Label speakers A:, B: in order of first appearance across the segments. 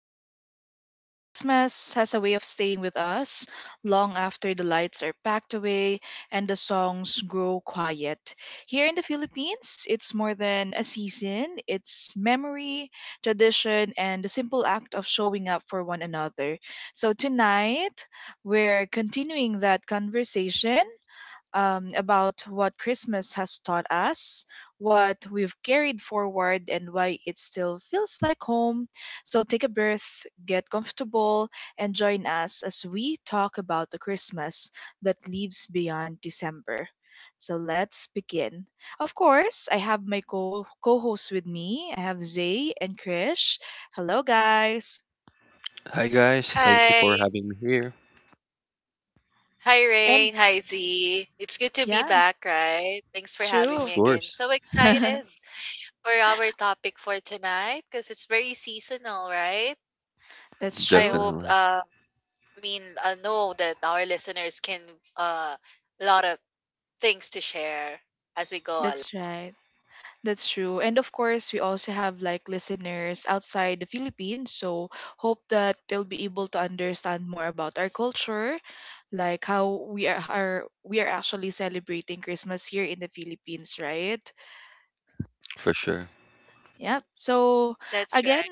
A: Welcome back. Christmas has a way of staying with us long after the lights are packed away and the songs grow quiet. Here in the Philippines, it's more than a season, it's memory, tradition, and the simple act of showing up for one another. So tonight, we're continuing that conversation about what Christmas has taught us, what we've carried forward, and why it still feels like home. So take a breath, get comfortable, and join us as we talk about the Christmas that lives beyond December. So let's begin. Of course, I have my co hosts with me. I have Zay and Krish. Hello, guys.
B: Hi guys, thank you
C: Hi.
B: for having me here.
C: Hi,
A: And
C: Rain. Hi, Z. It's good to be
A: yeah,
C: back, right? Thanks for having
B: Of
C: me
A: true.
C: again.
B: course,
C: So excited for our topic for tonight because it's very seasonal, right?
A: That's
C: I
A: true.
C: hope,
B: definitely,
C: uh, I know that our listeners can, uh, a lot of things to share as we go along.
A: That's right. That's true. And of course, we also have like listeners outside the Philippines. So hope that they'll be able to understand more about our culture, like how we are actually celebrating Christmas here in the Philippines, right?
B: for sure.
A: Yep. So
C: That's
A: again,
C: right.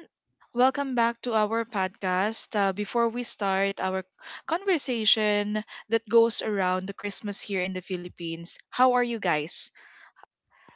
A: welcome back to our podcast. Before we start our conversation that goes around the Christmas here in the Philippines, how are you guys?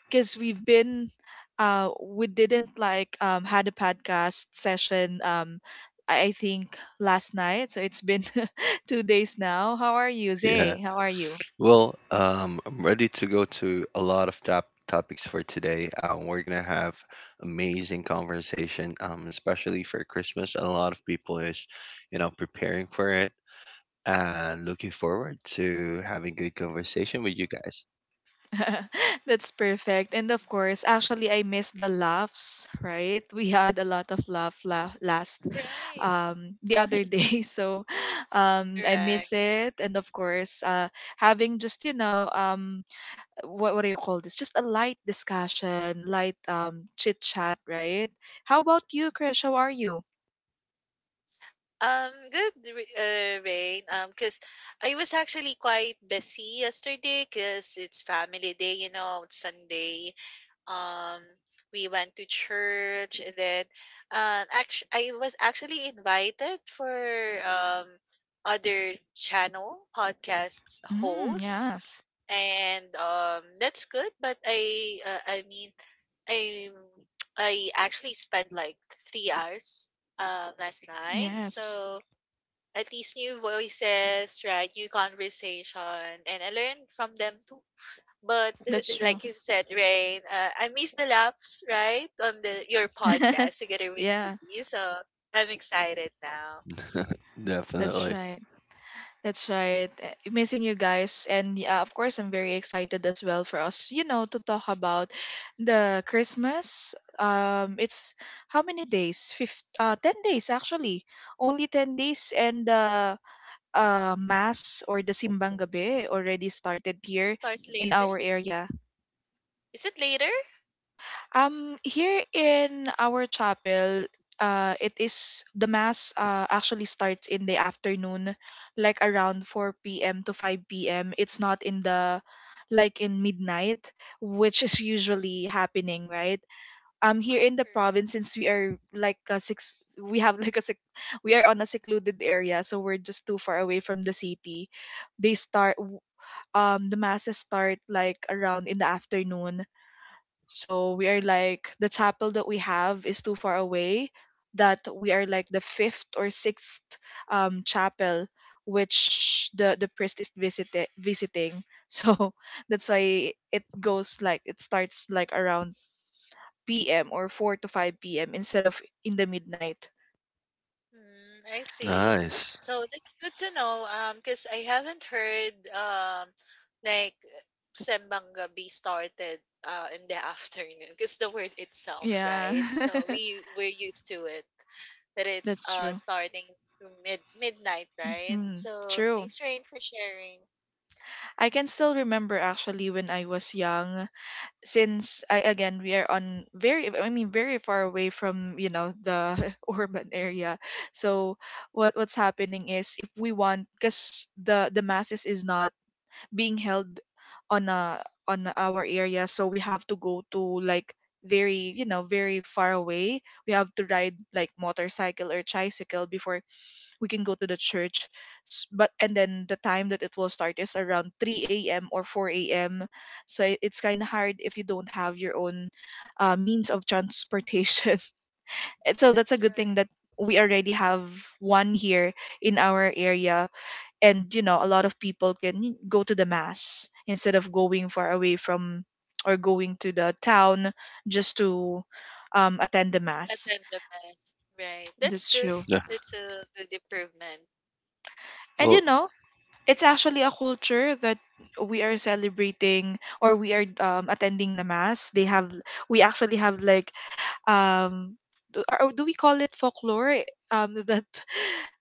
A: Because we've been uh we didn't like had a podcast session I think last night. So it's been 2 days now. How are you,
B: Yeah.
A: Zay? How are you?
B: I'm ready to go to a lot of top topics for today. We're gonna have amazing conversation, especially for Christmas. A lot of people is, preparing for it and looking forward to having good conversation with you guys.
A: That's perfect. And of course, actually, I missed the laughs, right? We had a lot of laugh last
C: Right.
A: the other day. So I
C: Right.
A: miss it. And of course, having just, what do you call this? Just a light discussion, light chit chat, right? How about you, Krish? How are you?
C: Good, Rain. Because I was actually quite busy yesterday because it's family day, you know, it's Sunday. Um, we went to church, and then actually, I was actually invited for um other channel podcasts
A: Mm,
C: hosts,
A: yeah.
C: and that's good. I, I actually spent like 3 hours last night,
A: Yes.
C: so at least new voices, right? New conversation, and I learned from them too, but
A: That's true.
C: like you said, Rain, I miss the laughs, right, on the your podcast together with
A: Yeah,
C: Ziggy. So I'm excited now.
A: that's
B: Definitely.
A: right. That's right. Missing you guys, and yeah, of course, I'm very excited as well for us, to talk about the Christmas. It's how many days? 10 days actually. Only 10 days, and mass or the simbang gabi already started here
C: Start
A: in
C: later.
A: our area.
C: Is it later?
A: Here in our chapel, it is the mass actually starts in the afternoon, like around 4 p.m. to 5 p.m. It's not in the like in midnight, which is
C: Hmm.
A: usually happening, right? Here in the
C: Correct.
A: province, since we are like a six, we have we are on a secluded area, so we're just too far away from the city. They start w- the masses start like around in the afternoon. So we are like the chapel that we have is too far away that we are like the fifth or sixth chapel which the priest is visiting. So that's why it goes like it starts like around p.m. or 4 to 5 p.m. instead of in the midnight.
C: Mm, I see.
B: Nice.
C: So that's good to know. Because I haven't heard like sembang gabi started in the afternoon. Because the word itself,
A: Yeah.
C: right? So we're used to it that it's
A: That's true.
C: starting to midnight, right?
A: Hmm,
C: So
A: true.
C: thanks, Rain, for sharing.
A: I can still remember actually when I was young, since I again we are on very, I mean very far away from the urban area. So what's happening is if we want, because the masses is not being held on a on our area, so we have to go to like very, very far away. We have to ride like motorcycle or tricycle before we can go to the church. But and then the time that it will start is around 3 a.m or 4 a.m, so it's kind of hard if you don't have your own means of transportation. And so that's a
C: That's
A: good thing
C: right.
A: that we already have one here in our area, and a lot of people can go to the mass instead of going far away from or going to the town just to attend the mass.
C: Attend the mass, right? That's
A: That's
C: good.
A: true.
B: Yeah.
C: That's a good improvement.
A: And
B: Well,
A: it's actually a culture that we are celebrating, or we are attending the mass. They have, we actually have like, um do, or do we call it folklore, that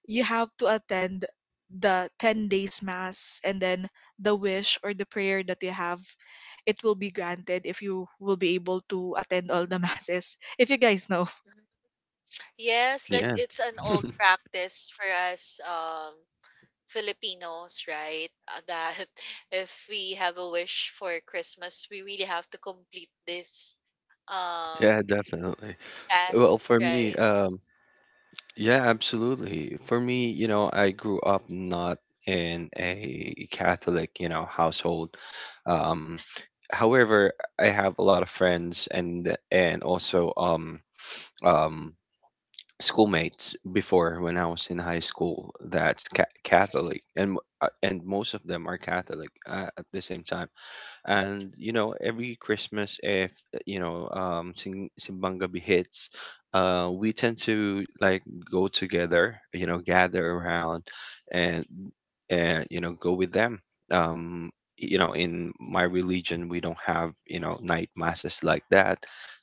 A: you have to attend the 10 days mass, and then the wish or the prayer that you have, it will be granted if you will be able to attend all the masses, if you guys know.
C: Mhm. Yes, like
B: yeah.
C: it's an old practice for us. Filipinos, right? That if we have a wish for Christmas, we really have to complete this um
B: Yeah, definitely. Well,
C: task,
B: for me,
C: right?
B: um, Yeah, absolutely. For me, you know, I grew up not in a Catholic, household. Um, however, I have a lot of friends and also um schoolmates before when I was in high school that's
C: Right.
B: Catholic and most of them are Catholic at the same time. And you know every Christmas if simbang gabi hits, we tend to like go together, you know, gather around, and you know go with them. um you know, in my religion we don't have, you know, night masses like that.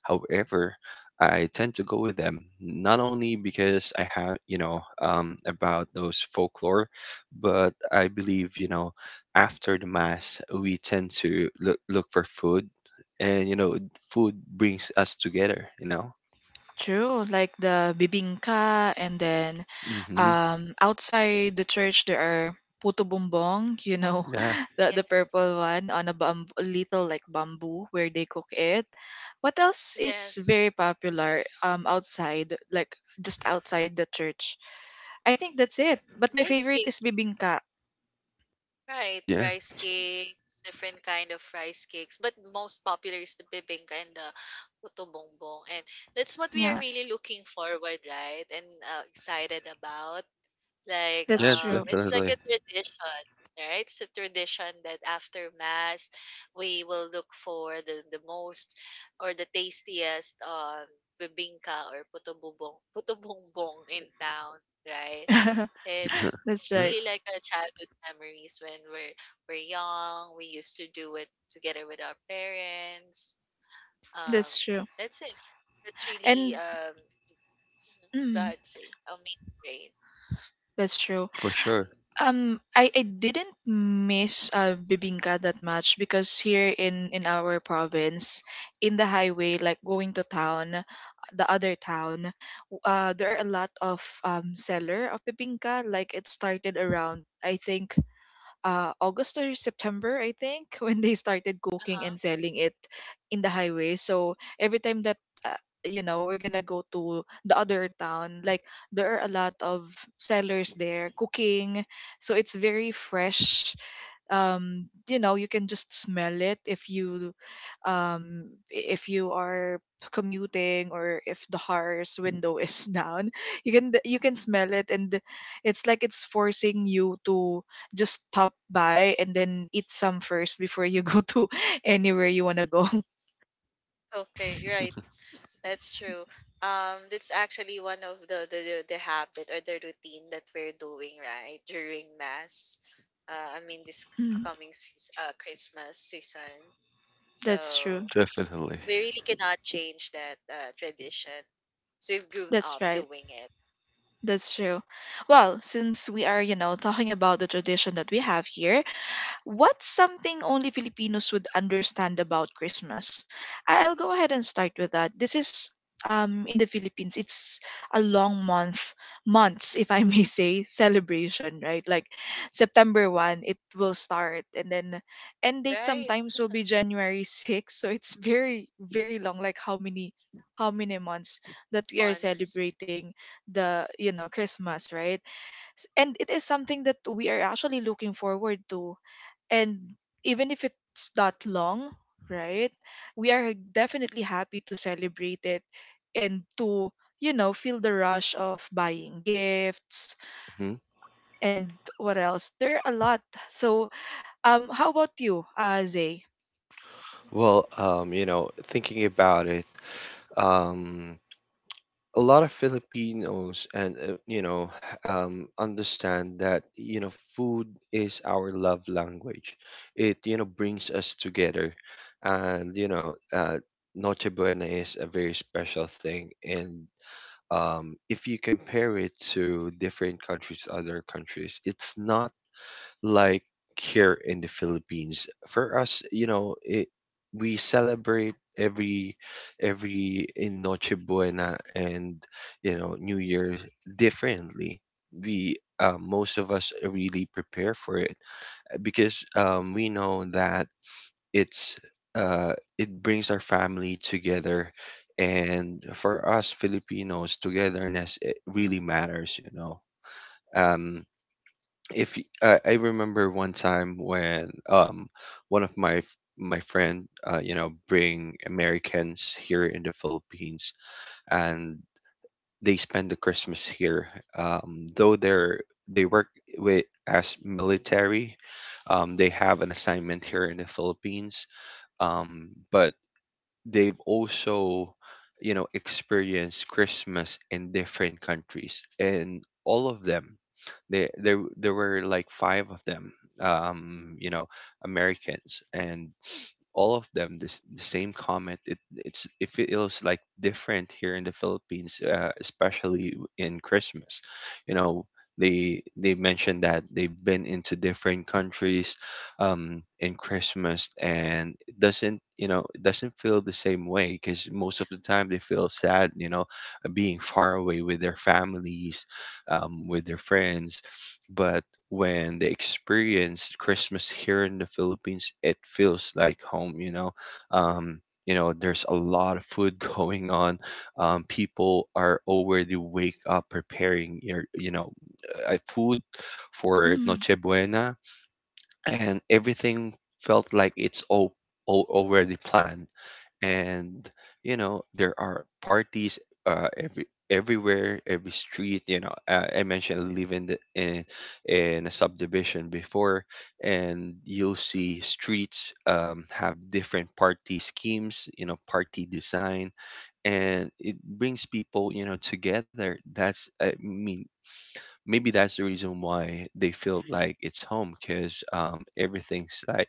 B: However, I tend to go with them not only because I have, you know, about those folklore, but I believe, you know, after the mass, we tend to look for food, and you know, food brings us together. You know.
A: True, like the bibingka, and then
B: Mm-hmm.
A: outside the church there are puto bumbong,
B: Yeah.
A: the
C: Yes.
A: purple one on a little like bamboo where they cook it. What else is
C: Yes.
A: very popular outside, like just outside the church? I think that's it. But my
C: Rice
A: favorite
C: cakes.
A: is bibingka.
C: Right.
B: Yeah.
C: Rice cakes, different kind of rice cakes. But most popular is the bibingka and the puto bongbong. And that's what we are
A: Yeah,
C: really looking forward, right? And excited about. Like,
A: that's
B: Yeah.
A: true.
C: it's like a
B: Definitely.
C: tradition, right? It's a tradition that after mass, we will look for the most or the tastiest bibingka or puto bumbong in town, right? It's
A: That's right.
C: really like a childhood memories when we're young. We used to do it together with our parents. Um,
A: That's true.
C: that's it. That's really
A: And
C: mhm, go
A: mm,
C: ahead, say, a main grade.
A: that's true.
B: For sure.
A: I didn't miss bibingka that much because here in our province, in the highway, like going to town, the other town, there are a lot of seller of bibingka. Like it started around, I think, August or September, I think, when they started cooking
C: Uh-huh.
A: and selling it in the highway. So every time that, uh, we're gonna go to the other town, like there are a lot of sellers there cooking. So it's very fresh. You can just smell it if you are commuting or if the car's window is down. You can smell it, and it's like it's forcing you to just stop by and then eat some first before you go to anywhere you want to go.
C: Okay, right. That's true. That's actually one of the habit or the routine that we're doing right during mass. This
A: Mm,
C: coming season, Christmas season. So
A: that's true.
B: Definitely.
C: we really cannot change that tradition. So we've grown up
A: That's right.
C: doing it,
A: That's true. Well, since we are, talking about the tradition that we have here, what's something only Filipinos would understand about Christmas? I'll go ahead and start with that. This is, in the Philippines, it's a long months, if I may say, celebration, right? Like September 1, it will start, and then end date
C: right?
A: sometimes will be January 6. So it's very, very long, like how many months that we are
C: Once,
A: celebrating the, Christmas, right? And it is something that we are actually looking forward to, and even if it's not long, right, we are definitely happy to celebrate it, and to feel the rush of buying gifts,
B: Hmm.
A: and what else, there are a lot. So how about you, Zay?
B: You know, thinking about it, um, a lot of Filipinos and you know understand that you know food is our love language. It you know brings us together, and Noche Buena is a very special thing. And if you compare it to different countries, other countries, it's not like here in the Philippines. For us, we celebrate every in Noche Buena and you know New Year differently. We most of us really prepare for it because we know that it's it brings our family together. And for us Filipinos, togetherness it really matters, you know. Um, if y- I remember one time when one of my my friend you know bring Americans here in the Philippines, and they spend the Christmas here. Though they work with as military, they have an assignment here in the Philippines, but they've also, you know, experienced Christmas in different countries. And all of them, they there were like five of them, you know Americans, and all of them this the same comment: it it feels like different here in the Philippines, especially in Christmas. You know, they mentioned that they've been into different countries, in Christmas, and it doesn't, you know, it doesn't feel the same way because most of the time they feel sad, you know, being far away with their families, with their friends. But when they experience Christmas here in the Philippines, it feels like home, you know. Um, you know, there's a lot of food going on. People are already wake up preparing your, food for
A: Mm,
B: Noche Buena, and everything felt like it's all already planned. And you know there are parties everywhere, every street, I mentioned I live in in a subdivision before, and you'll see streets have different party schemes, you know, party design, and it brings people, you know, together. That's I mean maybe that's the reason why they feel like it's home because everything's like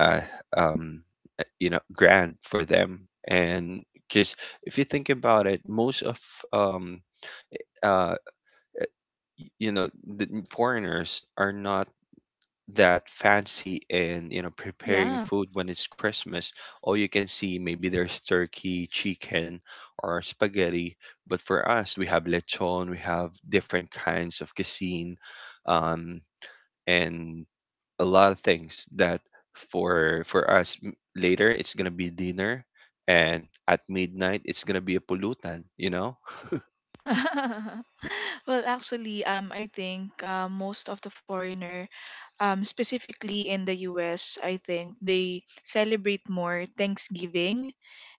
B: uh, um, you know, grand for them. And because if you think about it, most of um, uh, you know, foreigners are not that fancy in, you know, preparing
A: yeah.
B: food when it's Christmas. All you can see maybe there's turkey, chicken, or spaghetti. But for us, we have lechon, we have different kinds of cuisine, um, and a lot of things that for us later it's gonna be dinner, and at midnight it's gonna be a pollutant. You know.
A: Well, actually, I think most of the foreigner, specifically in the US, I think they celebrate more Thanksgiving.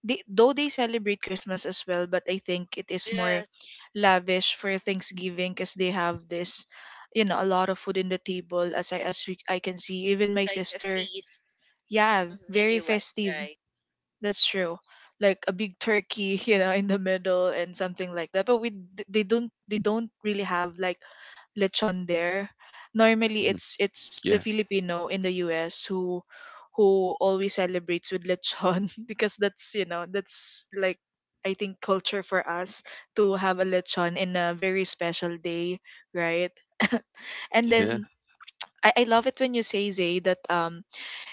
A: They, though they celebrate Christmas as well, but I think it is more
C: yes,
A: lavish for Thanksgiving because they have this, a lot of food in the table, as I as we, I can see. Even
C: it's
A: my
C: like a
A: sister,
C: feast.
A: yeah,
C: Mhm, in
A: very
C: U.S.
A: festive.
C: Right?
A: That's true. Like a big turkey, in the middle and something like that. But we d- they don't really have like lechon there. Normally,
B: Mhm.
A: it's the
B: Yeah,
A: Filipino in the US who always celebrates with lechon, because that's you know that's like, I think, culture for us to have a lechon in a very special day, right? And
B: yeah,
A: then I love it when you say, Zay, that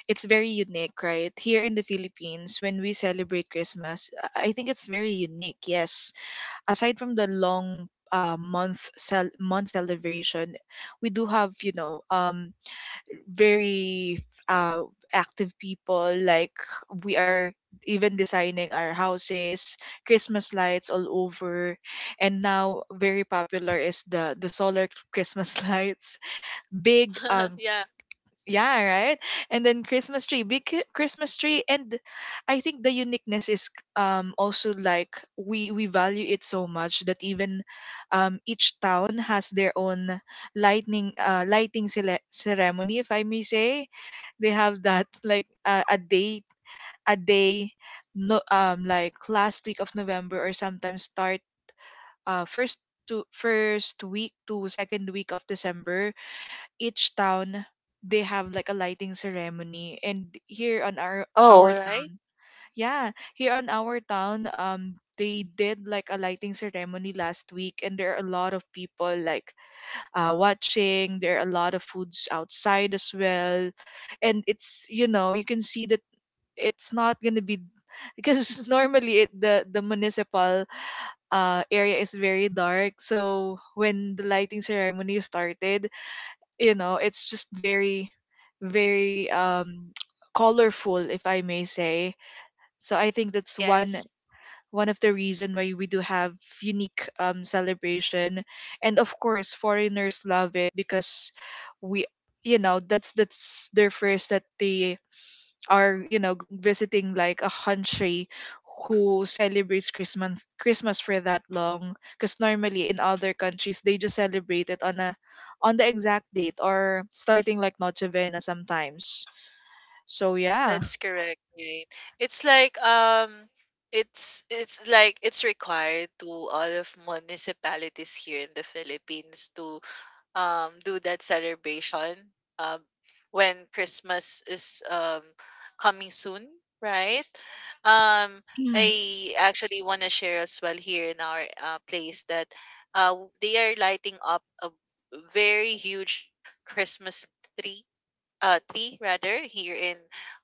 A: it's very unique, right? Here in the Philippines, when we celebrate Christmas, I think it's very unique. Yes, aside from the long month celebration, we do have, very uh, active people. Like we are even designing our houses, Christmas lights all over, and now very popular is the solar Christmas lights. Big,
C: Yeah.
A: yeah, right. And then Christmas tree, big Christmas tree, and I think the uniqueness is also like we value it so much that even each town has their own lightning lighting ceremony, if I may say. They have that like a date, a day, no, like last week of November, or sometimes start first week to second week of December. Each town, they have like a lighting ceremony, and here on our
C: Oh,
A: our
C: right.
A: town, yeah, here on our town, they did like a lighting ceremony last week, and there are a lot of people like watching. There are a lot of foods outside as well, and it's, you know, you can see that it's not going to be, because normally, it, the municipal area is very dark. So when the lighting ceremony started, you know, it's just very, very colorful, if I may say. So I think that's one
C: Yes.
A: one of the reason why we do have unique celebration. And of course, foreigners love it, because we, you know, that's their first that they are, you know, visiting like a country who celebrates Christmas for that long. Because normally in other countries, they just celebrate it on a on the exact date, or starting like Noche Vena sometimes. So yeah.
C: That's correct, right? It's like it's like it's required to all of municipalities here in the Philippines to do that celebration um when Christmas is coming soon, right? Um
A: Mm.
C: I actually want to share as well here in our place that they are lighting up a very huge Christmas tree, three rather, here in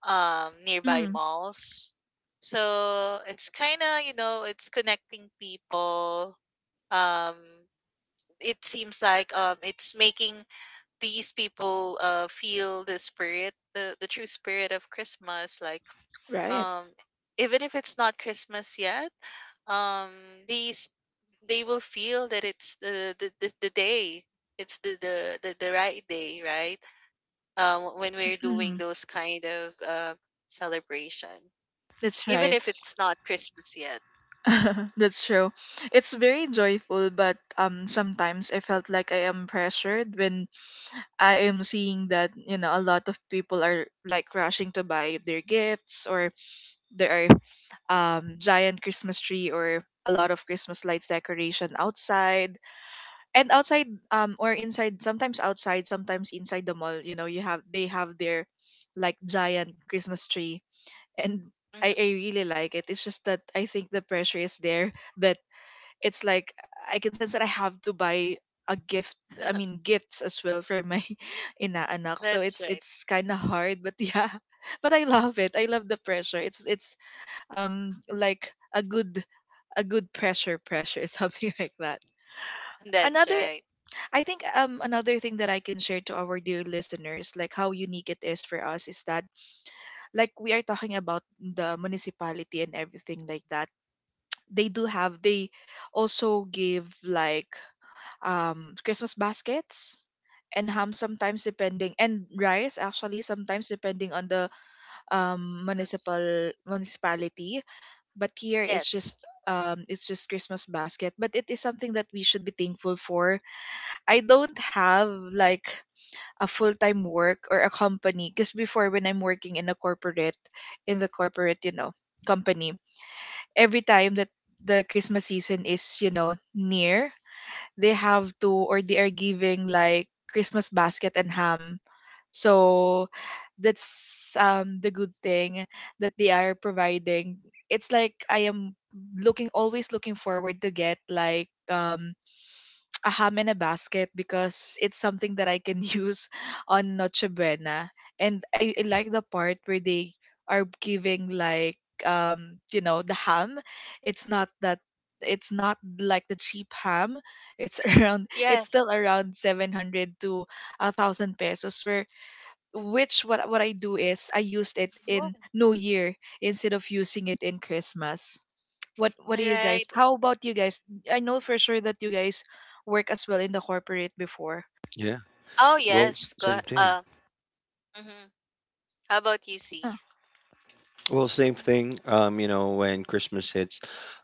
C: nearby
A: Mm.
C: malls. So it's kind of, you know, it's connecting people. Um, it seems like it's making these people feel the spirit, the true spirit of Christmas. Like
A: Right.
C: um, even if it's not Christmas yet, um, these they will feel that it's the day. It's the right day, right? When we're doing
A: Mm.
C: those kind of celebration,
A: That's
C: even
A: right.
C: if it's not Christmas yet.
A: That's true. It's very joyful, but sometimes I felt like I am pressured when I am seeing that, you know, a lot of people are like rushing to buy their gifts, or there are, giant Christmas tree, or a lot of Christmas lights decoration outside. And outside, or inside. Sometimes outside, sometimes inside the mall, you know, you have they have their like giant Christmas tree. And
C: Hmm.
A: I really like it. It's just that I think the pressure is there, that it's like, I can sense that I have to buy a gift. I mean, gifts as well for my inaanak. So
C: That's
A: it's
C: right.
A: it's kind of hard, but yeah, but I love it. I love the pressure. It's like a good pressure, something like that.
C: That's
A: Another,
C: right.
A: I think, another thing that I can share to our dear listeners, like how unique it is for us is that like, we are talking about the municipality and everything like that. They do have they also give like Christmas baskets and ham sometimes, depending, and rice actually, sometimes depending on the
C: That's-
A: municipality. But here,
C: Yes.
A: it's just Christmas basket, but it is something that we should be thankful for. I don't have like a full-time work or a company, because before, when I'm working in a corporate, in the corporate you know, company, every time that the Christmas season is, you know, near, they have to or they are giving like Christmas basket and ham. So that's the good thing that they are providing. It's like I am looking always looking forward to get like a ham in a basket, because it's something that I can use on Noche Buena. And I like the part where they are giving like, you know, the ham. It's not that it's not like the cheap ham. It's around, it's
C: Yes.
A: still around 700 to 1,000 pesos, where, which what I do is, I used it
C: Oh.
A: in New Year instead of using it in Christmas. What do you guys?
C: Right.
A: How about you guys? I know for sure that you guys work as well in the corporate before.
B: yeah.
C: Oh yes. Go.
B: Same
C: Ahe-
B: thing.
C: Uh. Mhm. How about you, C?
A: Ah.
B: Well, same thing. You know, when Christmas hits,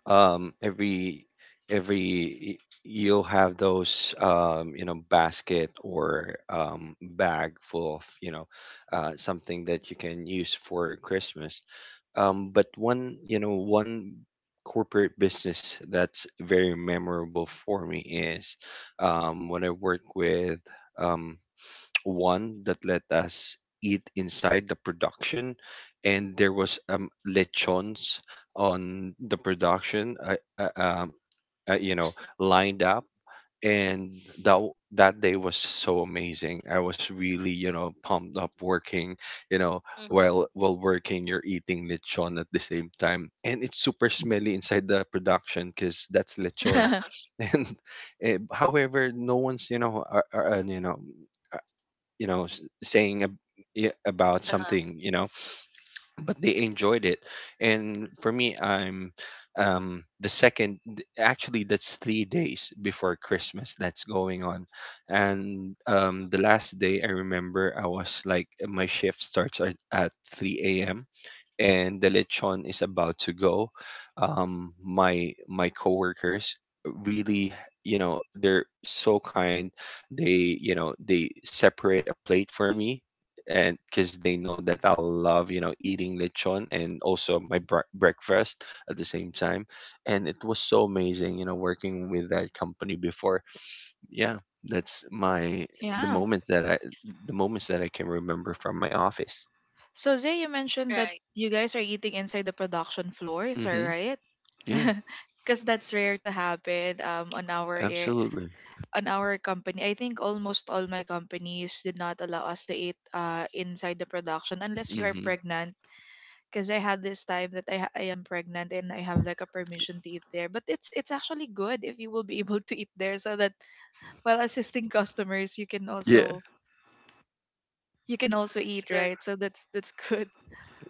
B: um, every every y- you'll have those you know, basket or bag full of, something that you can use for Christmas. But one, you know, one corporate business that's very memorable for me is when I worked with um, one that let us eat inside the production, and there was lechons on the production. I, um, you know, lined up, and that day was so amazing. I was really, you know, pumped up working, you know,
C: Mm-hmm.
B: while working, you're eating lechon at the same time, and it's super smelly inside the production because that's lechon. And however no one's, you know, you know, saying yeah, about
C: Uh-huh.
B: something, you know. But they enjoyed it. And for me I'm the second, actually that's 3 days before Christmas that's going on. And the last day I remember I was like my shift starts at 3 a.m. and the lechon is about to go. My coworkers really, you know, they're so kind. They, you know, they separate a plate for me, and because they know that I love, you know, eating lechon and also my breakfast at the same time. And it was so amazing, you know, working with that company before. Yeah, that's my the
A: Yeah.
B: moments that I the moments that I can remember from my office.
A: So, Zay, you mentioned that
C: Right.
A: you guys are eating inside the production floor. Is that
B: Mm-hmm.
A: right?
B: Yeah.
A: Because that's rare to happen,
B: Absolutely.
A: on our company. I think almost all my companies did not allow us to eat inside the production, unless you are
B: Hmm.
A: pregnant, because I had this time that I am pregnant and I have like a permission to eat there. But it's actually good if you will be able to eat there, so that while assisting customers, you can
B: Yeah,
A: also,
C: That's
A: eat,
C: good.
A: right? So that's good.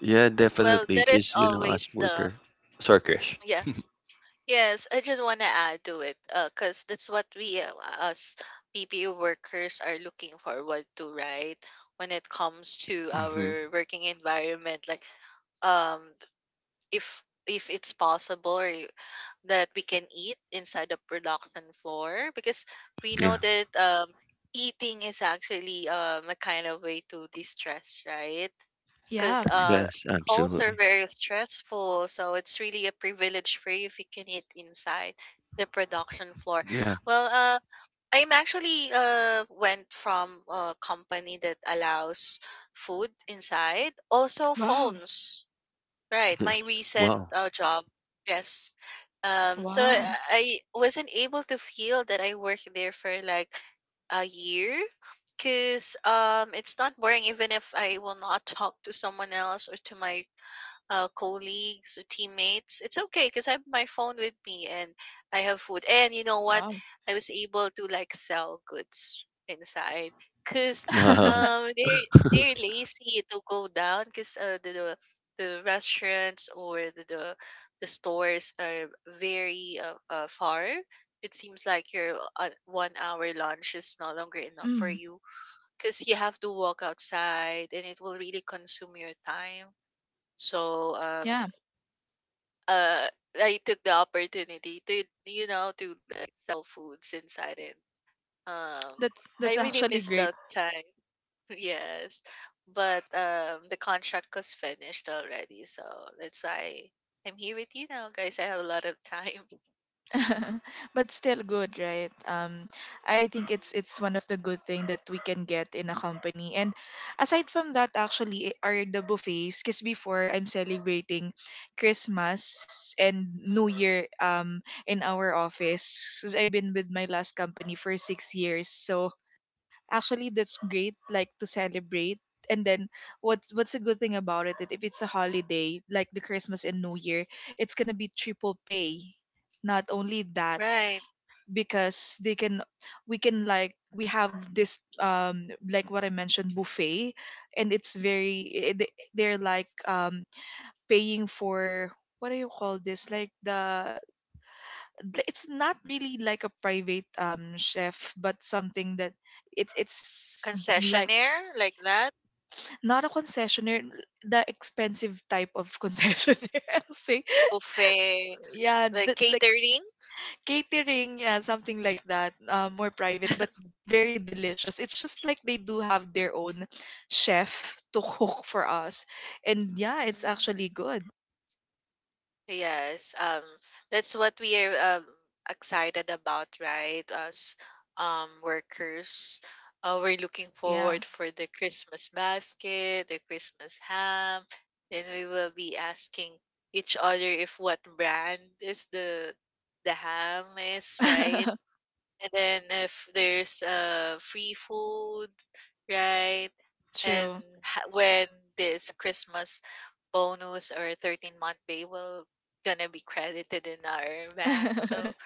B: yeah,
C: Well,
B: definitely.
C: there is
B: Because, you know,
C: always
B: us
C: the
B: worker. Sorry, Krish.
C: yeah. Yes, I just want to add to it, cuz that's what we, as PPO workers are looking forward to, right? When it comes to
B: Hmm.
C: our working environment, like um if it's possible or that we can eat inside the production floor, because we
B: Yeah,
C: know that eating is actually a kind of way to distress, right?
A: Yeah.
C: Because
B: yes,
C: calls are
B: absolutely.
C: very stressful. So it's really a privilege for you if you can eat inside the production floor.
B: Yeah,
C: Well, I'm actually went from a company that allows food inside, also
A: Wow.
C: phones. Right,
B: yes.
C: my recent
B: Wow.
C: job. Yes. So
A: Wow.
C: I wasn't able to feel that I worked there for like a year because it's not boring even if I will not talk to someone else or to my colleagues or teammates. It's okay because I have my phone with me and I have food. And you know what?
A: Wow.
C: I was able to like sell goods inside because
B: Wow.
C: um, they're, they're lazy to go down because the restaurants or the stores are very far. It seems like your 1 hour lunch is no longer enough for
A: Mm,
C: you because you have to walk outside and it will really consume your time, so
A: yeah.
C: uh I took the opportunity to, you know, to sell foods inside it. um,
A: That's
C: I
A: that's
C: really
A: actually
C: miss
A: great.
C: that time. Yes. But the contract was finished already, so that's why I'm here with you now, guys. I have a lot of time.
A: But still good, right? I think it's one of the good thing that we can get in a company, and aside from that, actually, are the buffets, because before, I'm celebrating Christmas and New
C: Mm-hmm.
A: Year, in our office, because 'cause I've been with my last company for 6 years. So actually, that's great, like, to celebrate. And then, what's a good thing about it, that if it's a holiday like the Christmas and New Year, it's gonna be triple pay. Not only that,
C: Right.
A: because they can we can, like, we have this, like what I mentioned, buffet, and it's very, they're like, paying for, what do you call this, like, it's not really like a private, chef, but something that, it's like.
C: Concessionaire like that,
A: Not a concessionaire, the expensive type of concessionaire, I'll say.
C: buffet,
A: Yeah,
C: like
A: like,
C: catering.
A: catering, yeah, something like that. More private, but very delicious. It's just like they do have their own chef to cook for us. And yeah, it's actually good.
C: Yes, that's what we are excited about, right? As workers, we're looking
A: Yeah.
C: forward for the Christmas basket, the Christmas ham. Then we will be asking each other if what brand is the ham is, right? And then if there's free food, right? And
A: True.
C: ha- when this Christmas bonus or 13th month pay will gonna be credited in our bank. So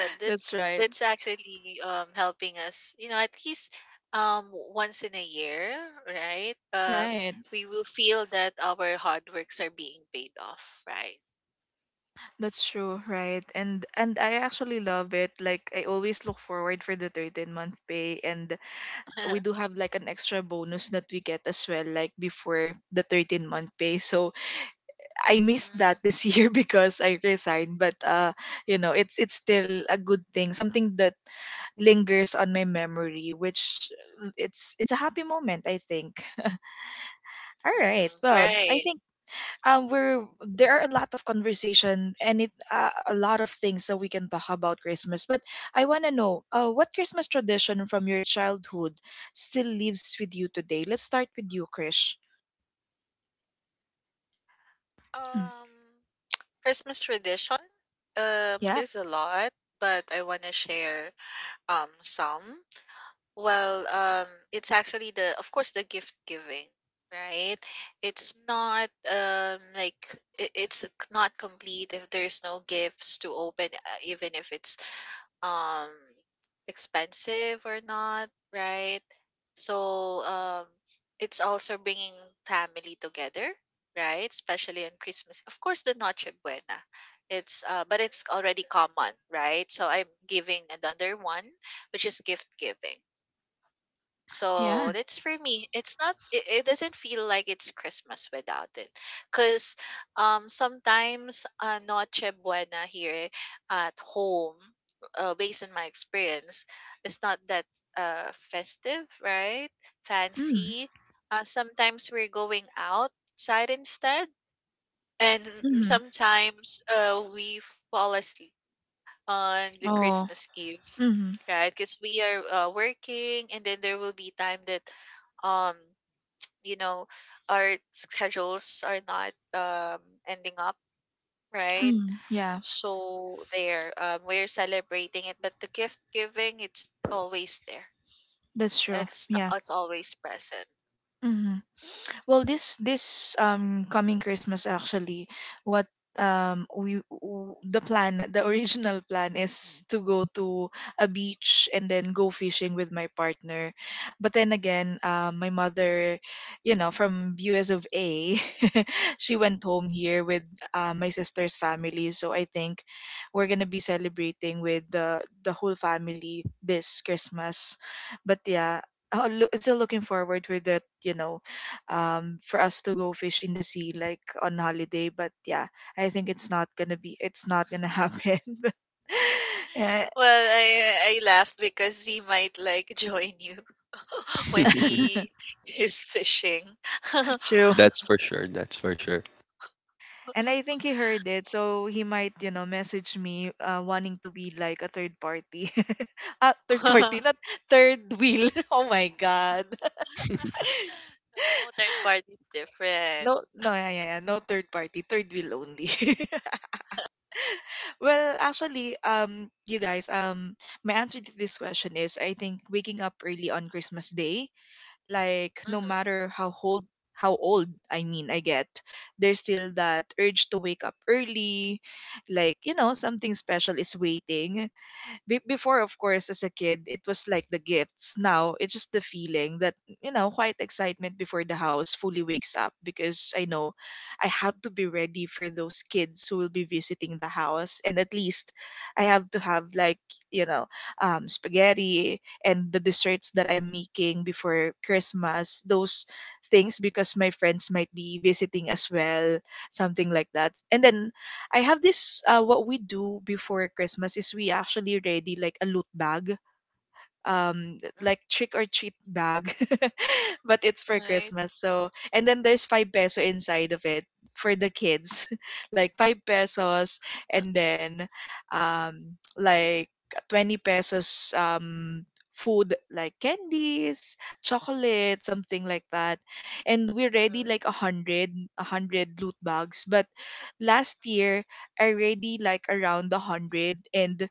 C: that
A: That's right.
C: that's actually helping us, you know, at least once in a year, right?
A: Right.
C: We will feel that our hard works are being paid off, right?
A: That's true, right? And I actually love it. Like, I always look forward for the 13-month pay, and we
C: Mm-hmm.
A: do have like an extra bonus that we get as well, like before the 13-month pay. So I missed that this year because I resigned, but it's still a good thing, something that lingers on my memory, which, it's a happy moment, I think. All right. Well, I
C: Right.
A: think, we're there are a lot of conversation, and it a lot of things that we can talk about Christmas. But I want to know, what Christmas tradition from your childhood still lives with you today? Let's start with you, Krish. Mm.
C: Um Christmas tradition?
A: Yeah.
C: There's a lot, but I want to share some. Well, it's actually of course, the gift giving, right? It's not it's not complete if there's no gifts to open, even if it's um expensive or not, right? So it's also bringing family together, right? Especially on Christmas. Of course, the Noche Buena. It's but it's already common, right? So I'm giving another one, which is gift giving. So
A: Yeah.
C: that's for me. It's not. It doesn't feel like it's Christmas without it, because sometimes Noche Buena here at home, based on my experience, is not that festive, right?
A: Mm.
C: Fancy. Sometimes we're going outside instead, and
A: Mm-hmm.
C: sometimes we fall asleep on the
A: Oh.
C: Christmas Eve,
A: Mm-hmm.
C: right? Because we are working, and then there will be time that, um, you know, our schedules are not ending up, right?
A: Mm. Yeah,
C: So there, we're celebrating it, but the gift giving, it's always there.
A: that's true,
C: It's not,
A: yeah.
C: it's always present.
A: Mm-hmm. Well, this coming Christmas actually, what the plan, the original plan, is to go to a beach and then go fishing with my partner. But then again, my mother, from US of A, she went home here with, my sister's family. So I think we're gonna be celebrating with the whole family this Christmas. But yeah, still looking forward with that, for us to go fish in the sea, like on holiday, but yeah, I think it's not gonna be, it's not gonna happen, but yeah.
C: Well, I laughed because he might like join you when he is fishing.
A: True.
B: That's for sure. That's for sure.
A: And I think he heard it, so he might, message me, wanting to be like a third party. Ah, third
C: No,
A: party, not third wheel. Oh my god.
C: third party is different.
A: No, no, yeah, yeah, yeah. No, third party, third wheel only. Well actually, you guys, my answer to this question is, I think, waking up early on Christmas day. Like, no
C: Mhm,
A: matter how old, I mean, I get, there's still that urge to wake up early. Like, something special is waiting. Before, of course, as a kid, it was like the gifts. Now it's just the feeling that, quiet excitement before the house fully wakes up, because I know I have to be ready for those kids who will be visiting the house, and at least I have to have like, you know spaghetti and the desserts that I'm making before Christmas, those things, because my friends might be visiting as well, something like that. And then, I have this what we do before Christmas is, we actually ready like a loot bag,
C: mm,
A: like trick or treat bag, but it's for
C: right.
A: Christmas. So, and then there's 5 peso inside of it for the kids, like 5 pesos.
C: Uh,
A: And then, um like, 20 pesos, food, like candies, chocolate, something like that. And we ready
C: mhm,
A: like a hundred loot bags. But last year, I already like around 100, and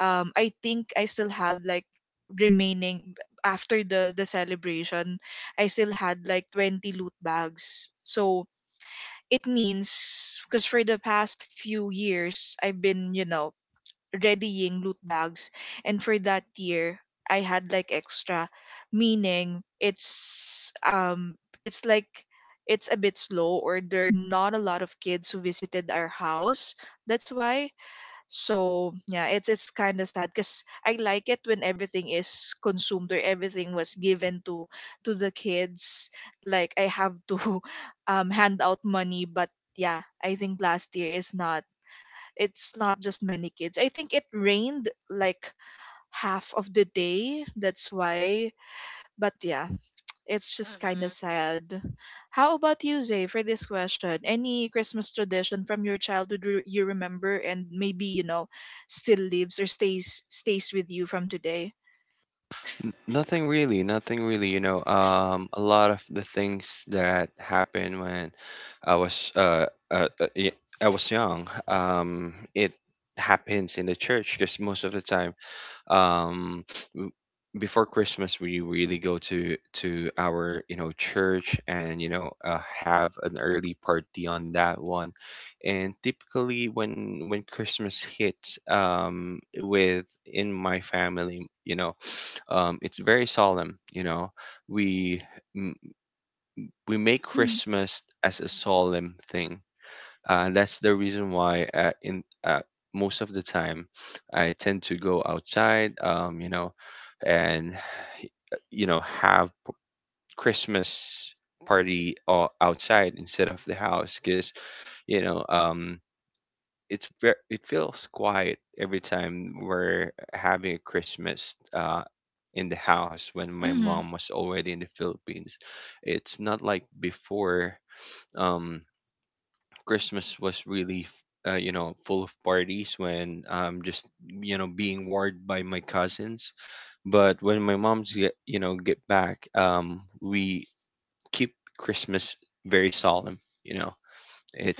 A: I think I still have like remaining after the celebration. I still had like 20 loot bags. So it means, because for the past few years, I've been, readying loot bags, and for that year, I had like extra, meaning, it's like, it's a bit slow, or there are not a lot of kids who visited our house. That's why. So yeah, it's kind of sad, because I like it when everything is consumed, or everything was given to the kids. Like, I have to hand out money, but yeah, I think last year is not. It's not just many kids. I think it rained like half of the day. That's why. But yeah, it's just kind of
C: mhm,
A: sad. How about you, Zay, for this question? Any Christmas tradition from your childhood, you remember, and maybe, still lives or stays with you from today?
B: Nothing really. Nothing really. You know, a lot of the things that happened when I was uh, uh, uh y- I was young. It happens in the church because most of the time, um w- before Christmas we really go to our, you know, church, and you know have an early party on that one. And typically when Christmas hits with in my family, you know, it's very solemn, you know, we m- we make
A: Mm.
B: Christmas as a solemn thing. That's the reason why in most of the time I tend to go outside, you know, and you know have Christmas party outside instead of the house because you know um, it's very it feels quiet every time we're having a Christmas, in the house when my
A: Hmm.
B: mom was already in the Philippines. It's not like before. Um, Christmas was really, you know, full of parties when I'm just, you know, being warned by my cousins. But when my mom's get, you know, get back, we keep Christmas very solemn. You know,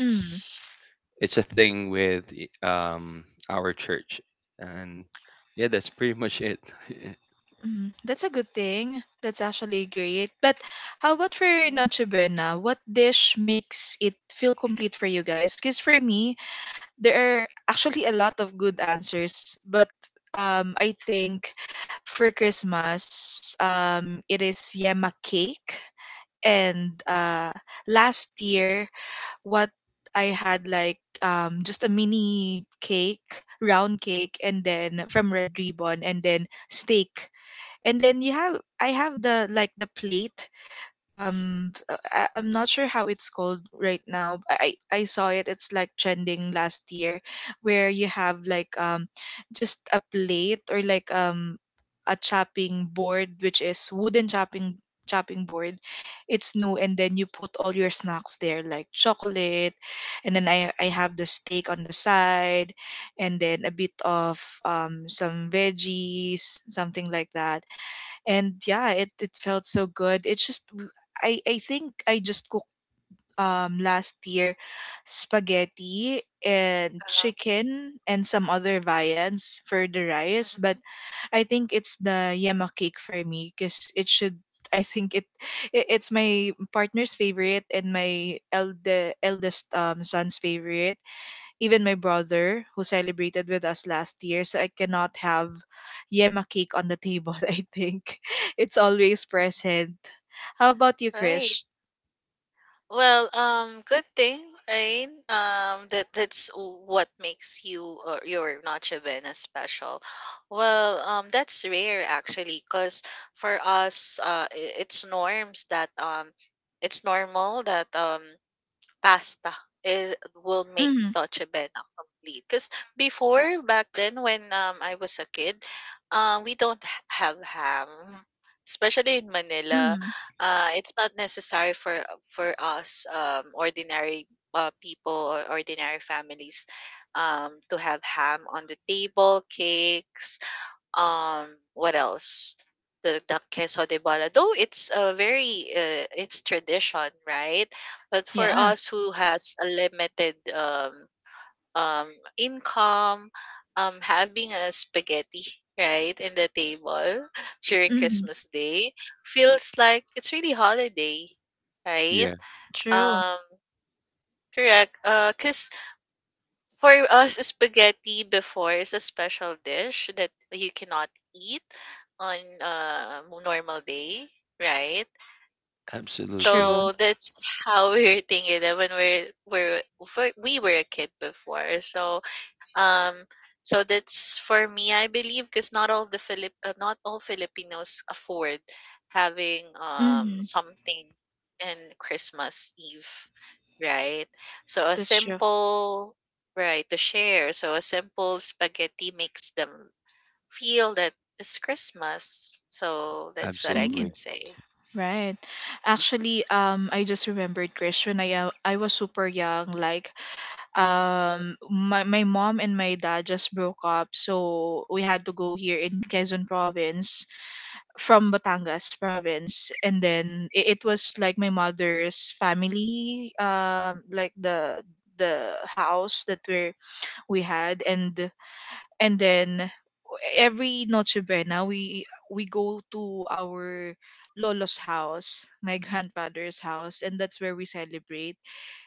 A: Mm.
B: it's a thing with our church, and yeah, that's pretty much it.
A: Mm, that's a good thing. That's actually great. But how about for
C: mhm,
A: Noche Buena? What dish makes it feel complete for you guys? Because for me, there are actually a lot of good answers, but I think for Christmas, it is yema cake. And last year, what I had like, just a mini cake, round cake, and then from Red Ribbon, and then steak. And then you have I have the plate. I'm not sure how it's called right now. I saw it. It's like trending last year, where you have just a plate, or like, a chopping board, which is wooden chopping board. It's new, and then you put all your snacks there, like chocolate. And then I have the steak on the side. And then a bit of some veggies, something like that. And yeah, it felt so good. I think I just cooked last year spaghetti and
C: uh-huh,
A: chicken and some other viands for the rice. But
C: mhm,
A: I think it's the yema cake for me, because it should I think it, it it's my partner's favorite and my eldest son's favorite. Even my brother, who celebrated with us last year, so I cannot have yema cake on the table. I think it's always
C: mhm.
A: present. How about you,
C: Right.
A: Krish?
C: Well, good thing, right? That that's what makes you or your Noche Buena special. Well, that's rare actually, cause for us, it's norms that it's normal that pasta, it will make
A: Mm.
C: Dolce Bena complete. Because before, back then, when I was a kid, we don't have ham. Especially in Manila,
A: Mm.
C: it's not necessary for us ordinary people or ordinary families to have ham on the table, cakes, um what else, the queso de bola, though it's a very it's tradition, right? But for
A: Yeah.
C: us who has a limited um income, having a spaghetti, right, in the table during
A: Mm.
C: christmas day feels like it's really holiday, right?
B: Yeah,
A: True,
C: um Correct. 'Cause for us, spaghetti before is a special dish that you cannot eat on a normal day, right?
B: absolutely,
A: true.
C: So that's how we were thinking that when we were a kid before. So um, so that's for me, I believe, because not all the not all Filipinos afford having
A: Mm.
C: something in Christmas Eve, right? So a
A: That's true.
C: simple right to share. So a simple spaghetti makes them feel that it's Christmas. So that's what I
A: Mm.
B: absolutely.
C: can say.
A: Right. Actually, I just remembered, Krish, when I was super young, like
C: Mhm.
A: my, mom and my dad just broke up. So we had to go here in Quezon province from Batangas province. And then it was like my mother's family, like the house that we had. And then every Noche Buena, we go to our lolo's house. My grandfather's house, and that's where we celebrate.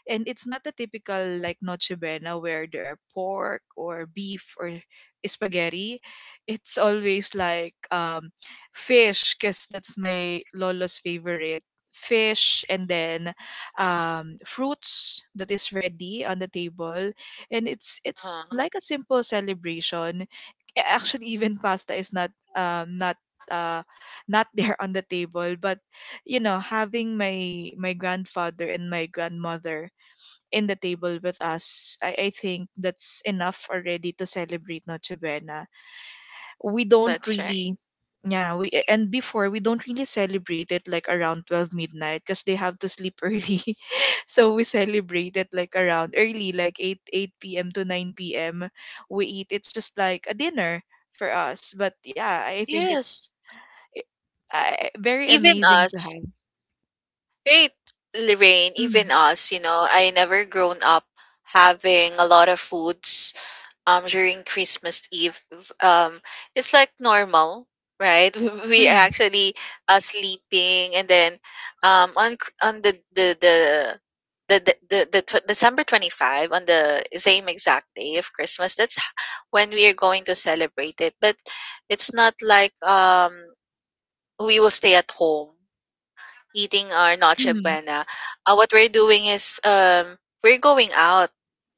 A: And it's not the typical, like, Noche Buena where there are pork or beef or spaghetti. It's always like, fish, because that's my lolo's favorite. Fish. And then fruits that is ready on the table. And it's
C: Uh,
A: like a simple celebration. Actually, even pasta is uh not there on the table. But, having my grandfather and my grandmother in the table with us, I think that's enough already to celebrate Noche Buena. We don't
C: that's right.
A: really. Yeah. we and Before, we don't really celebrate it like around 12 midnight, because they have to sleep early. So we celebrate it like around early, like 8 p.m. to 9 p.m. We eat. It's just like a dinner for us. But yeah, I think it's
C: Yes,
A: very
C: even
A: amazing to
C: us.
A: have.
C: Great, Lorraine. Even
A: Mm.
C: us, you know, I never grown up having a lot of foods during Christmas Eve. Um, it's like normal, right? We are
A: Mm.
C: actually sleeping, and then on Cr- on the tw- December 25, on the same exact day of Christmas, that's when we are going to celebrate it, but it's not like we will stay at home eating our Noche
A: Mm.
C: Buena. What we're doing is, we're going out.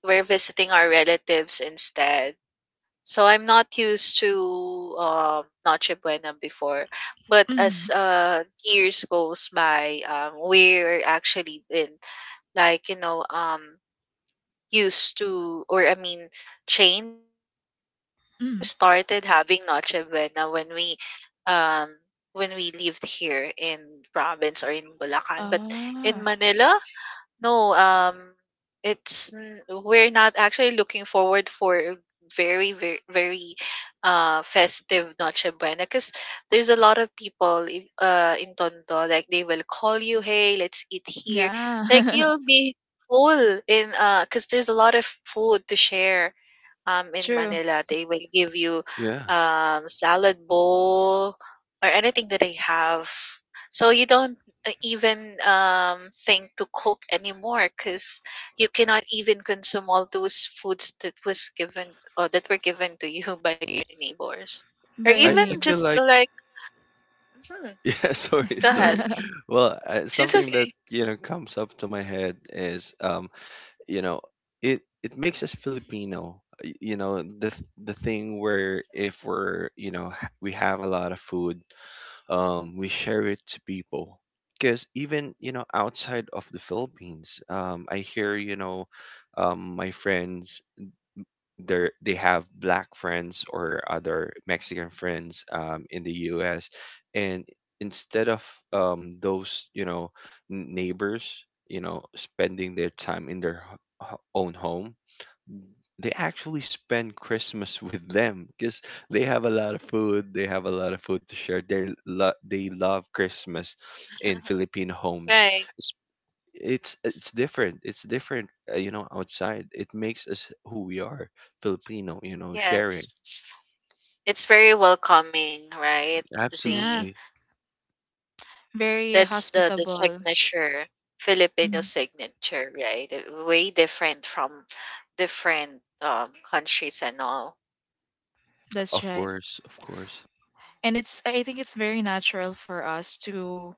C: We're visiting our relatives instead. So I'm not used to Noche Buena before, but as
A: Mm.
C: years goes by, we're actually been like, you know, used to, or I mean, changed it. We
A: Mm.
C: just started having Noche Buena um when we lived here in province or in Bulacan. But in
A: Ah,
C: Manila, no, we're not actually looking forward for a very, very, very festive Noche Buena because there's a lot of people in Tondo, like they will call you, hey, let's eat here. Like
A: yeah.
C: you'll be full in because there's a lot of food to share. In
A: True.
C: Manila, they will give you
B: Yeah,
C: salad bowl or anything that they have. So you don't even um, think to cook anymore because you cannot even consume all those foods that was given or that were given to you by your neighbors, or
A: By your
C: even
B: I feel
C: just
A: neighbors.
B: like.
C: like, hmm,
B: Yeah, sorry,
C: go
B: sorry.
C: ahead, it's
B: Something that
C: okay,
B: you know comes up to my head is, you know, it makes us Filipino. You know, the the thing where if we're, you know, we have a lot of food, we share it to people. Because even you know outside of the Philippines, I hear you know, my friends, they have black friends or other Mexican friends in the U.S. And instead of those, you know, neighbors, you know, spending their time in their own home, they actually spend Christmas with them because they have a lot of food, they have a lot of food to share. They they love Christmas in Filipino homes.
C: right?
B: It's different, it's different. You know, outside it makes us who we are: Filipino, you know, sharing.
C: Yes, it's very welcoming, right?
A: Yeah.
C: Z.
B: Absolutely.
A: Very
C: That's the
A: hospitable.
C: signature, Filipino
A: Mm.
C: signature, right? Way different from different countries and all.
A: That's
B: Of
A: right.
B: course, of course.
A: And it's I think it's very natural for us to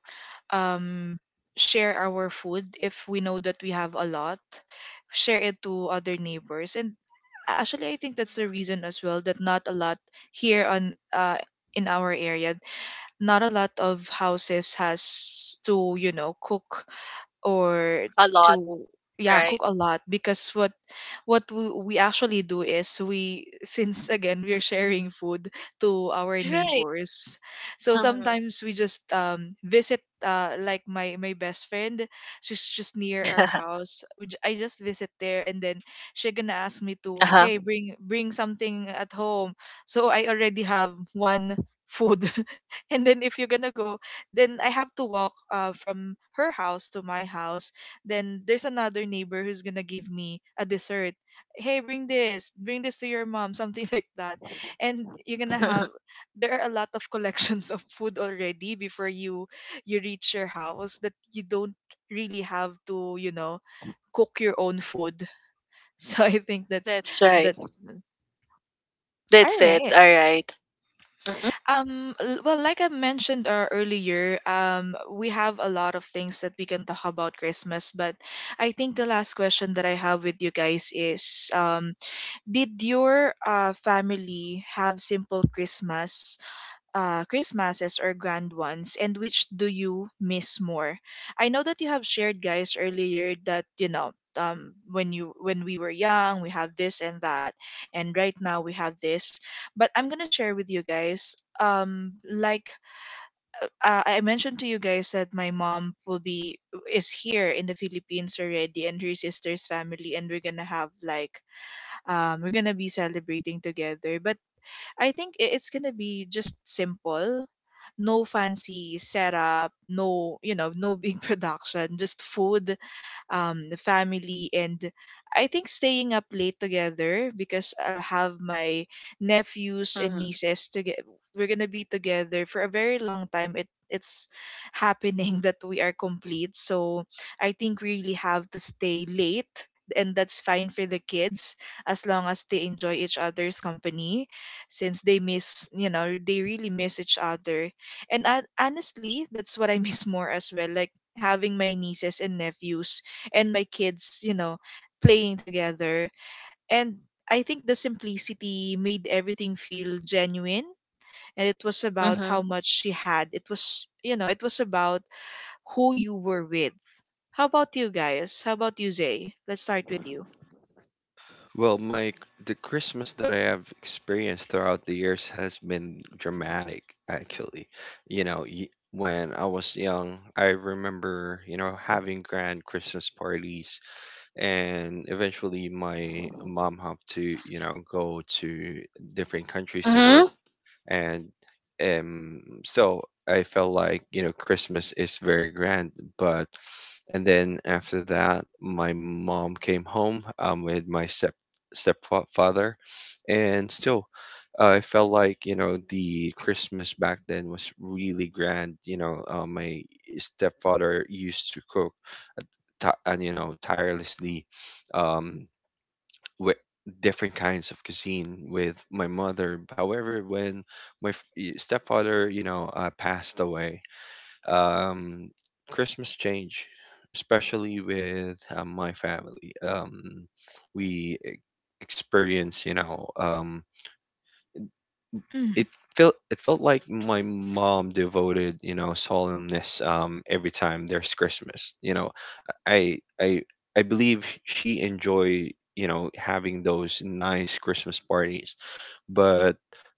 A: um share our food. If we know that we have a lot, share it to other neighbors. And actually, I think that's the
C: Mhm.
A: reason as well that not a lot here on in our area, not a lot of houses has to, cook, or
C: A lot,
A: to, yeah,
C: right?
A: cook a lot. Because we actually do is, we, since again we're sharing food to our
C: Right.
A: neighbors, so
C: Um,
A: sometimes we just visit, like my best friend. She's just near our house. I just visit there, and then she gonna ask me to,
C: uh-huh.
A: hey, bring something at home. So I already have one food. And then if you're gonna go, then I have to walk, from her house to my house. Then there's another neighbor who's gonna give me a dessert. Hey, bring this, to your mom, something like that. And you're gonna have there are a lot of collections of food already before you reach your house, that you don't really have to, cook your own food. So I think that's
C: That's right.
A: that's All
C: That's it.
A: right.
C: All right. Mm-hmm.
A: Well, like I mentioned earlier, we have a lot of things that we can talk about Christmas. But I think the last question that I have with you guys is, did your family have simple Christmases or grand ones, and which do you miss more? I know that you have shared, guys, earlier that, when you when we were young, we have this and that, and right now we have this. But I'm gonna share with you guys. Like, I mentioned to you guys that my mom will be is here in the Philippines already, and her sister's family, and we're gonna be celebrating together. But I think it's gonna be just simple. No fancy setup, no, no big production, just food, the family. And I think staying up late together, because I'll have my nephews and
C: Mm-hmm.
A: nieces together. We're gonna be together for a very long time. It's happening that we are complete. So I think we really have to stay late, and that's fine for the kids, as long as they enjoy each other's company, since they miss, they really miss each other. And honestly, that's what I miss more as well. Like, having my nieces and nephews and my kids, playing together. And I think the simplicity made everything feel genuine. And it was about how
C: Mm-hmm.
A: much she had. It was about who you were with. How about you guys? How about you, Zay? Let's start with you.
B: Well my the Christmas that I have experienced throughout the years has been dramatic, actually. You know, when I was young I remember, you know, having grand Christmas parties, and eventually my mom had to, you know, go to different countries to
C: Mm-hmm.
B: work. And so I felt like, you know, Christmas is very grand. But and then after that my mom came home, with my stepfather, and still I felt like, you know, the Christmas back then was really grand, you know. My stepfather used to cook and you know tirelessly, um with different kinds of cuisine with my mother. However, when my stepfather, you know, passed away, um, Christmas changed, especially with my family. We experienced, you know, it
A: Mm.
B: felt, it felt like my mom devoted, you know, solemnness every time there's Christmas. You know, I I believe she enjoy, you know, having those nice Christmas parties. But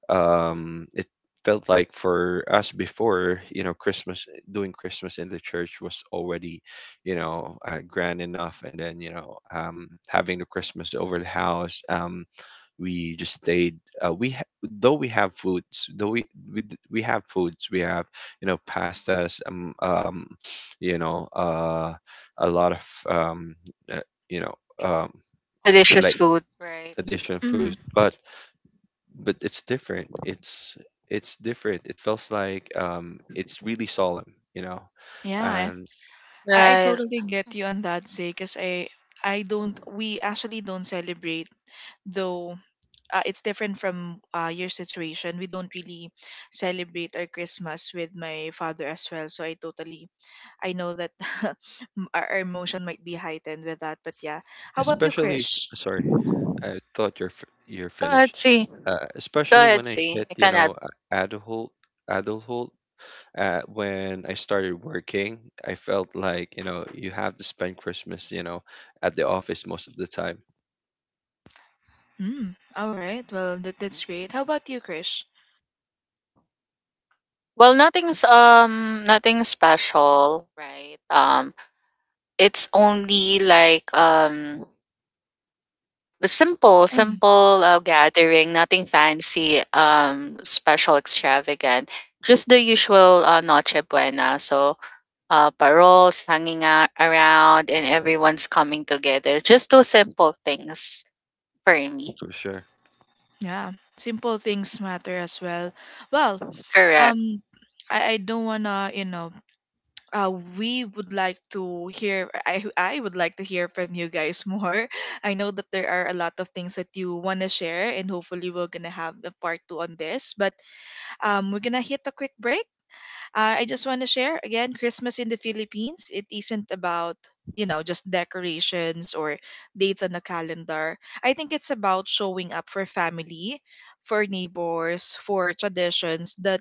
B: it felt like for us before, you know, Christmas doing Christmas in the church was already, grand enough. And then you know, having the Christmas over the house, we just stayed. Uh, we ha- though we have foods, though we we have foods, we have you know pastas, you know, a lot of uh, you know, um,
C: Delicious
B: like
C: food. Right.
B: addition
A: Mm.
B: food. But it's different. It's different. It feels like it's really solemn, you know,
A: Yeah.
B: and
A: I
C: Right.
A: totally get you on that, Zay, because I don't. We actually don't celebrate, though it's different from your situation. We don't really celebrate our Christmas with my father as well. So I know that our emotion might be heightened with that. But yeah, how about you,
B: especially.
A: Krish?
B: Sorry, I thought you're you're
C: Go ahead,
B: finished.
C: see. Go
B: Especially
C: ahead,
B: when I
C: see.
B: hit,
C: I
B: you
C: cannot.
B: know, adulthood, adulthood. When I started working, I felt like you know you have to spend Christmas, you know, at the office most of the time.
A: Mm. All right. Well, that's great. How about you, Krish?
C: Well, nothing special, right? It's only like a
A: Mm.
C: simple gathering, nothing fancy, special, extravagant, just the usual noche buena. So paroles hanging out around and everyone's coming together, just those simple things for me.
B: For sure.
A: Yeah, simple things matter as well. Well,
C: Correct.
A: um, I don't wanna, you know uh, we would like to hear I would like to hear from you guys more. I know that there are a lot of things that you want to share, and hopefully we're gonna have a part two on this. But we're gonna hit a quick break. I just want to share again, Christmas in the Philippines, it isn't about, just decorations or dates on the calendar. I think it's about showing up for family, for neighbors, for traditions that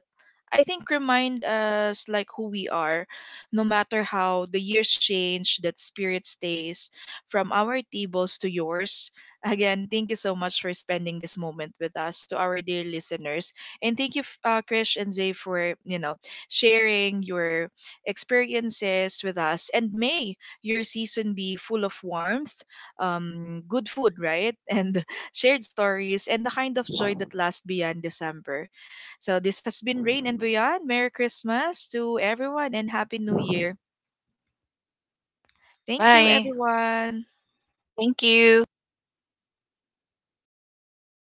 A: I think remind us like who we are. No matter how the years change, that spirit stays from our tables to yours. Again, thank you so much for spending this moment with us, to our dear listeners. And thank you, Krish and Zay, for sharing your experiences with us. And may your season be full of warmth, good food, right? And shared stories, and the kind of joy that lasts beyond December. So this has been Rain and Beyond. Merry Christmas to everyone, and Happy New Year. Thank you,
C: Bye.
A: everyone.
C: Thank you.